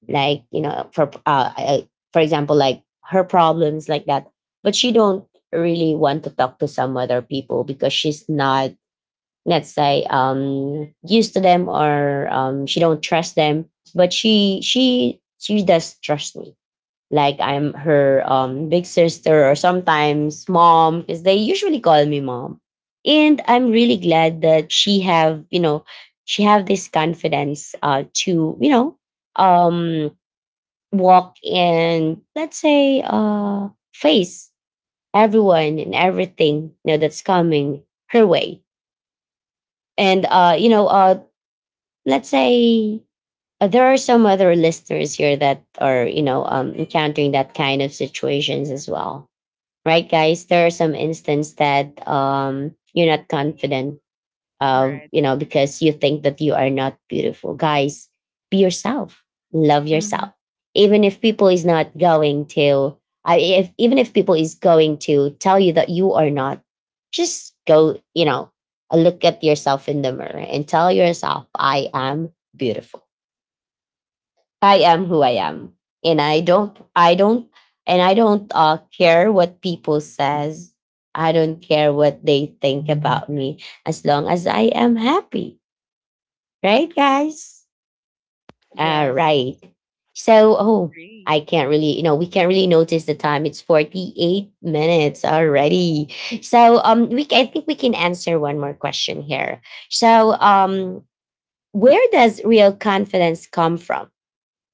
S1: like, you know, for example, like, her problems, like that. But she don't really want to talk to some other people, because she's not, let's say, used to them, or she don't trust them. But she does trust me, like, I'm her big sister, or sometimes mom, because they usually call me mom. And I'm really glad that she have, you know, she have this confidence to, you know, um walk, and let's say face everyone and everything, you know, that's coming her way. And let's say, there are some other listeners here that are, encountering that kind of situations as well. Right, guys? There are some instances that you're not confident,
S3: Right.
S1: you know, because you think that you are not beautiful. Guys, be yourself. Love
S3: Mm-hmm.
S1: yourself. Even if people is not going to, I if even if people is going to tell you that you are not, just go, you know, look at yourself in the mirror and tell yourself, I am beautiful. I am who I am. And I don't, I don't, and I don't care what people says. I don't care what they think about me, as long as I am happy. Right, guys? All
S2: yes.
S1: right. So, oh,
S3: Agree.
S1: I can't really, you know, we can't really notice the time. It's 48 minutes already. So, we I think we can answer one more question here. So, where does real confidence come from?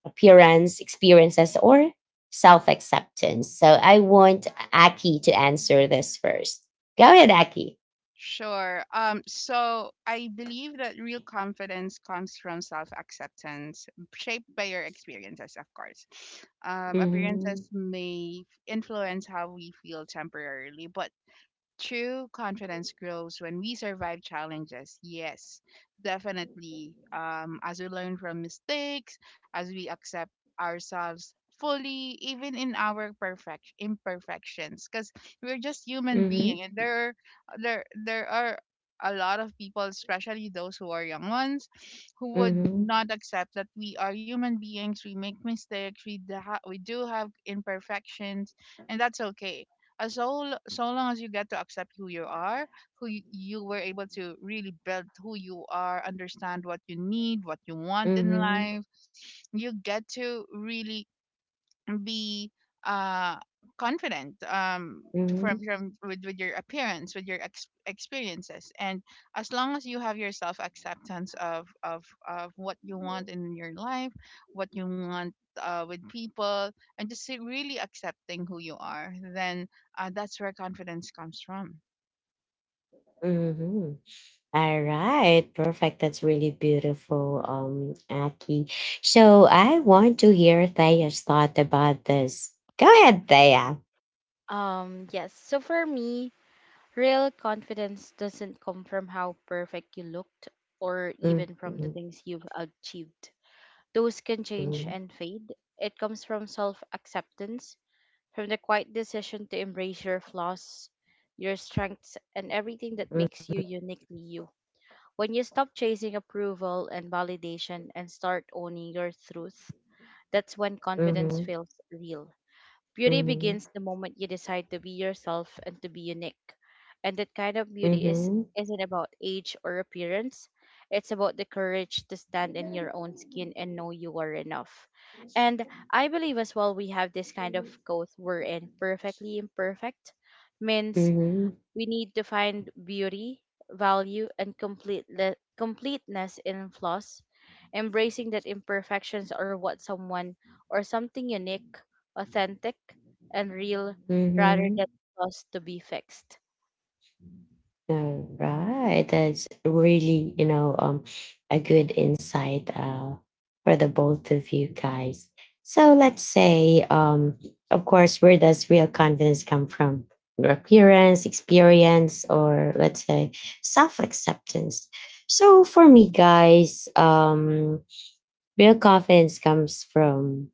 S1: Appearance, experiences, or self acceptance? So, I want Aki to answer this first. Go ahead, Aki.
S3: Sure. So I believe that real confidence comes from self acceptance, shaped by your experiences, of course.
S1: Mm-hmm,
S3: Appearances may influence how we feel temporarily, but true confidence grows when we survive challenges. Yes, definitely. As we learn from mistakes, as we accept ourselves fully, even in our perfect imperfections, because we're just human
S1: mm-hmm,
S3: being, and there are a lot of people, especially those who are young ones, who would
S1: mm-hmm,
S3: not accept that we are human beings. We make mistakes. We do have imperfections, and that's okay as so long as you get to accept who you are, who you were able to really build who you are, understand what you you need, want in
S1: mm-hmm,
S3: life. You get to really be uh confident,
S1: mm-hmm,
S3: from with your appearance, with your experiences, and as long as you have your self acceptance of what you want in your life, what you want with people, and just say really accepting who you are, then that's where confidence comes from.
S1: mm-hmm. All right, perfect. That's really beautiful, Aki. So I want to hear Thea's thought about this. Go ahead, Thea.
S2: Yes. So for me, real confidence doesn't come from how perfect you looked or even from the
S1: Mm-hmm,
S2: things you've achieved. Those can change
S1: mm-hmm,
S2: and fade. It comes from self acceptance, from the quiet decision to embrace your flaws, your strengths, and everything that makes you uniquely you. When you stop chasing approval and validation and start owning your truth, that's when confidence
S1: mm-hmm,
S2: feels real. Beauty
S1: mm-hmm,
S2: begins the moment you decide to be yourself and to be unique. And that kind of beauty is
S1: mm-hmm,
S2: isn't about age or appearance. It's about the courage to stand in your own skin and know you are enough. And I believe as well we have this kind of growth we're in perfectly imperfect means
S1: mm-hmm.
S2: we need to find beauty, value, and completeness in flaws, embracing that imperfections are what someone or something unique, authentic, and real, rather
S1: Mm-hmm.
S2: than flaws to be fixed.
S1: All right, that's really, a good insight for the both of you guys. So let's say, of course, where does real confidence come from? Your appearance, experience, or let's say self acceptance. So for me, guys, real confidence comes from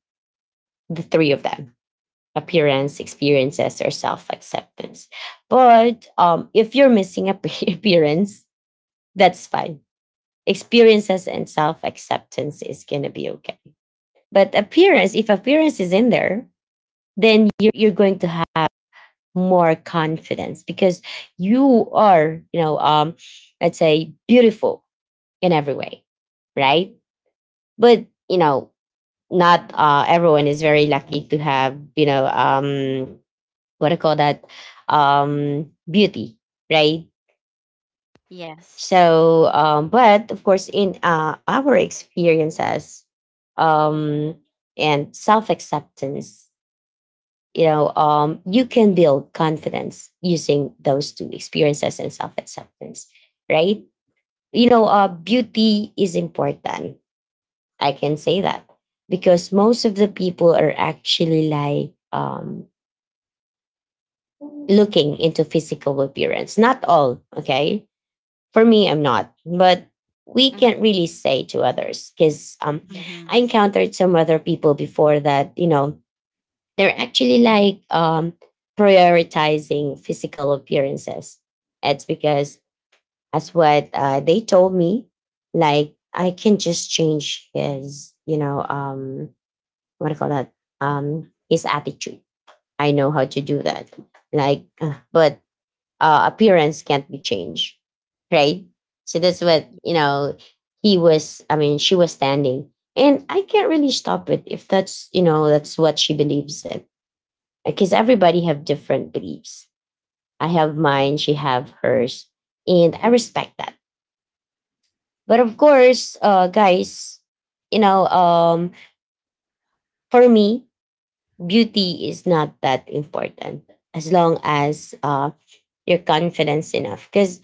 S1: the three of them: appearance, experiences, or self acceptance. But if you're missing a appearance, that's fine. Experiences and self acceptance is going to be okay. But appearance, if appearance is in there, then you're going to have more confidence, because you are, let's say, beautiful in every way, right? But, you know, not everyone is very lucky to have, what I call that? Beauty, right?
S2: Yes.
S1: So, but of course, in our experiences um, and self acceptance, you know, you can build confidence using those two, experiences and self acceptance, right? You know, beauty is important. I can say that because most of the people are actually like, looking into physical appearance. Not all, okay? For me, I'm not, but we can't
S2: Mm-hmm.
S1: really say to others, because,
S3: Hmm.
S1: I
S2: Yes.
S1: encountered some other people before that, you know, they're actually like, prioritizing physical appearances. It's because that's what they told me. Like, I can just change his, what do you call that? His attitude. I know how to do that. Like, but appearance can't be changed, right? So that's what, you know. He was, I mean, she was standing, and I can't really stop it if that's, you know, that's what she believes in, because everybody have different beliefs. I have mine, she have hers, and I respect that. But of course, guys, you know, for me, beauty is not that important, as long as you're confident enough. Because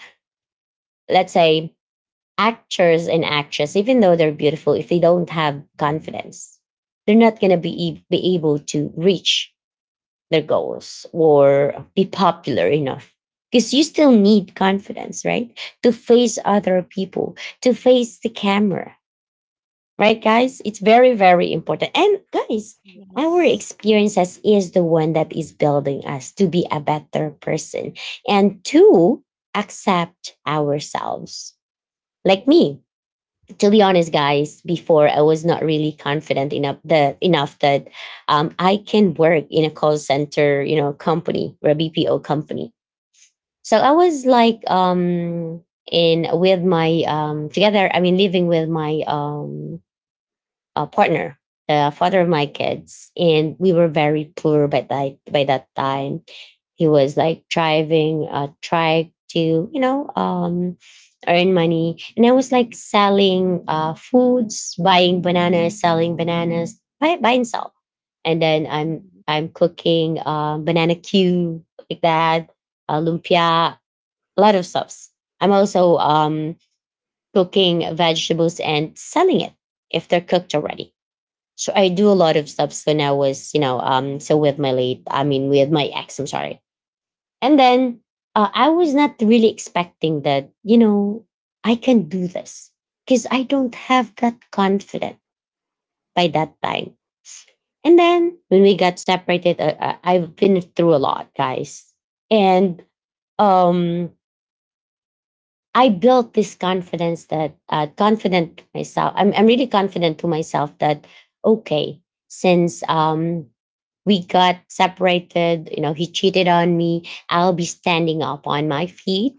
S1: let's say actors and actresses, even though they're beautiful, if they don't have confidence, they're not going to be, be able to reach their goals or be popular enough. Because you still need confidence, right? To face other people, to face the camera, right, guys? It's very, very important. And guys, our
S2: Yes.
S1: experiences is the one that is building us to be a better person and to accept ourselves. Like me, to be honest, guys, before I was not really confident enough, that I can work in a call center, you know, company, or a BPO company. So I was like, in with my together, I mean, living with my partner, the father of my kids, and we were very poor by that, by that time. He was like driving, trying to, earn money, and I was like selling foods, buying bananas, selling bananas, buy and sell, and then I'm
S2: Mhm.
S1: I'm cooking banana cue, like that, lumpia, a lot of stuffs. I'm also cooking vegetables and selling it if they're cooked already. So I do a lot of stuffs when I was, with my with my ex, I'm sorry. And then I was not really expecting that, you know, I can do this because I don't have that confident by that time. And then when we got separated, I've been through a lot, guys. And um, I built this confidence that confident to myself. I'm really confident to myself that okay, since we got separated, you know, he cheated on me, I'll be standing up on my feet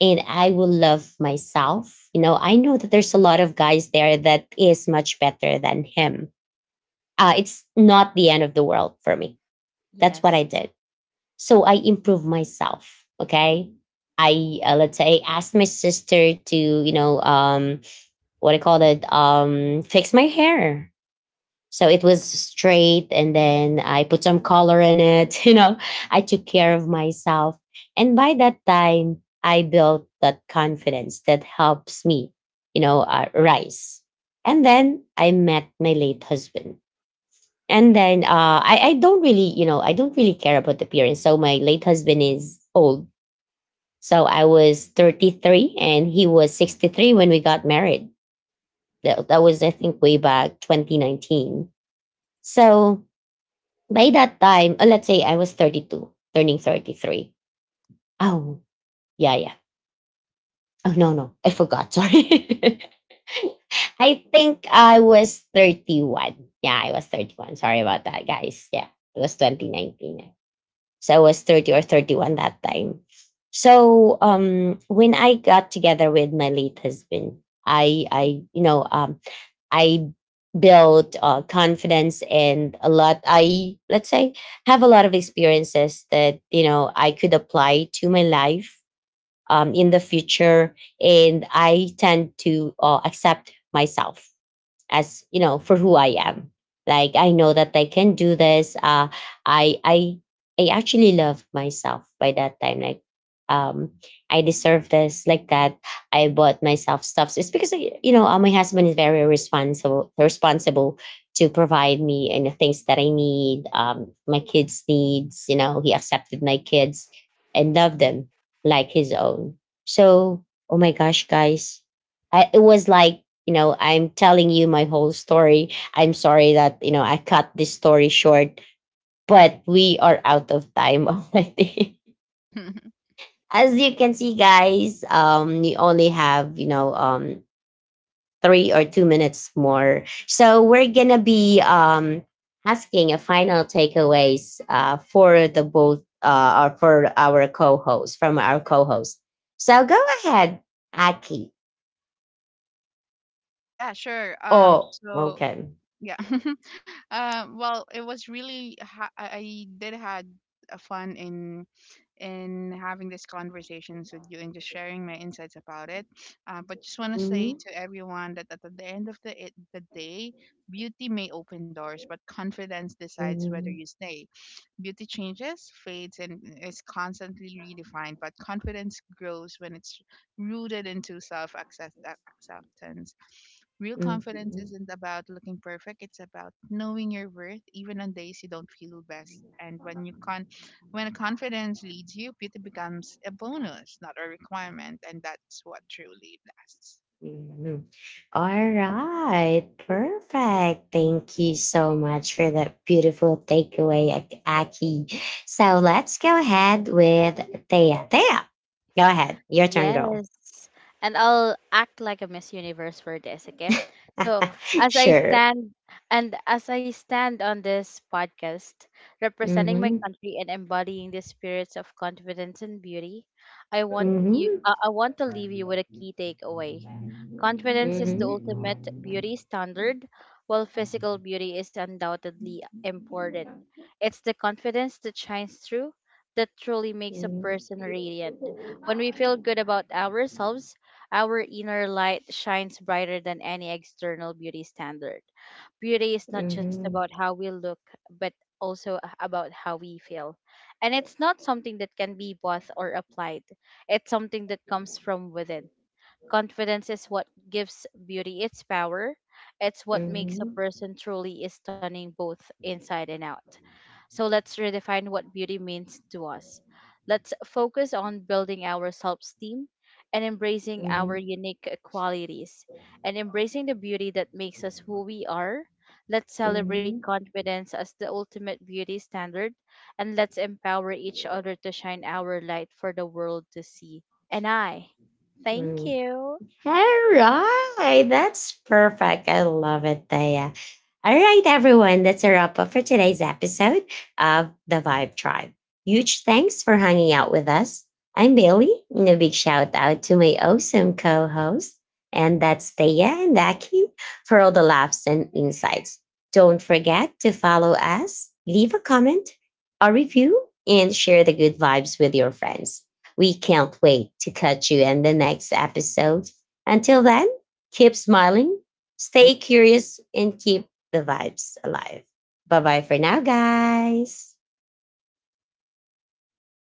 S1: and I will love myself. You know, I know that there's a lot of guys there that is much better than him. It's not the end of the world for me. That's what I
S2: Yes.
S1: did, so I improve myself. Okay, I, let's say, asked my sister to, you know what I call it fix my hair, so it was straight, and then I put some color in it. You know, I took care of myself, and by that time I built that confidence that helps me, you know, rise. And then I met my late husband. And then I don't really, you know, I don't really care about the appearance. So my late husband is old. So I was 33 and he was 63 when we got married. That was, I think, way back 2019. So by that time, let's say I was 32, turning 33. Oh, yeah, yeah. Oh, no, no, I forgot. Sorry. I think I was 31. Yeah, I was 31. Sorry about that, guys. Yeah, it was 2019. So I was 30 or 31 that time. So when I got together with my late husband, I you know I built confidence, and a lot, I let's say, have a lot of experiences that, you know, I could apply to my life in the future. And I tend to accept myself, as you know, for who I am. Like, I know that I can do this. Uh i i i actually love myself by that time. Like um I deserve this, like that. I bought myself stuff. So it's because, you know, my husband is very responsible to provide me and the things that I need, my kids needs. You know, he accepted my kids and loved them like his own. So, oh my gosh, guys, it was like, you know, I'm telling you my whole story. I'm sorry that, you know, I cut this story short, but we are out of time already. As you can see, guys, we only have, you know, 3 or 2 minutes more. So we're gonna be asking a final takeaways, for the both or for our co-host, from our co-host. So go ahead, Aki.
S3: Yeah, sure.
S1: Oh, okay.
S3: Yeah, Well, it was really I did had a fun in having these conversations with you and just sharing my insights about it. But just want to say
S1: Mhm,
S3: to everyone that at the end of the day, beauty may open doors, but confidence decides whether
S1: mhm,
S3: you stay. Beauty changes, fades, and is constantly redefined, but confidence grows when it's rooted into self acceptance. Real confidence
S1: mhm.
S3: isn't about looking perfect, it's about knowing your worth even on days you don't feel best. And when confidence leads you, beauty becomes a bonus, not a requirement, and that's what truly lasts.
S1: Mhm. All right, perfect. Thank you so much for that beautiful takeaway, Aki. So let's go ahead with Thea. Thea, go ahead. Your turn, girl.
S2: Yes. And I'll act like a Miss Universe for this, okay? So, as I
S1: Sure.
S2: stand as I stand on this podcast, representing my
S1: Mm-hmm.
S2: country and embodying the spirits of confidence and beauty, I want you
S1: Mm-hmm.
S2: I, I want to leave you with a key takeaway. Confidence is the
S1: Mm-hmm.
S2: ultimate beauty standard, while physical beauty is undoubtedly important. It's the confidence that shines through that truly makes a person
S1: Mm-hmm.
S2: radiant. When we feel good about ourselves, our inner light shines brighter than any external beauty standard. Beauty is not just
S1: Mm-hmm.
S2: about how we look, but also about how we feel. And it's not something that can be bought or applied, it's something that comes from within. Confidence is what gives beauty its power. It's what makes a
S1: Mm-hmm.
S2: person truly is stunning, both inside and out. So let's redefine what beauty means to us. Let's focus on building our self esteem and embracing our
S1: Mm-hmm.
S2: unique qualities and embracing the beauty that makes us who we are. Let's celebrate confidence as the ultimate beauty standard, and let's empower each other to shine our light for the world to see. And I thank
S1: Mm-hmm.
S2: you.
S1: All right. That's perfect. I love it, Thea. All right, everyone. That's a wrap up for today's episode of The Vibe Tribe. Huge thanks for hanging out with us. I'm Bailey, and a big shout out to my awesome co host, and that's Thea and Aki, for all the laughs and insights. Don't forget to follow us, leave a comment, a review, and share the good vibes with your friends. We can't wait to catch you in the next episode. Until then, keep smiling, stay curious, and keep the vibes alive. Bye bye for now, guys.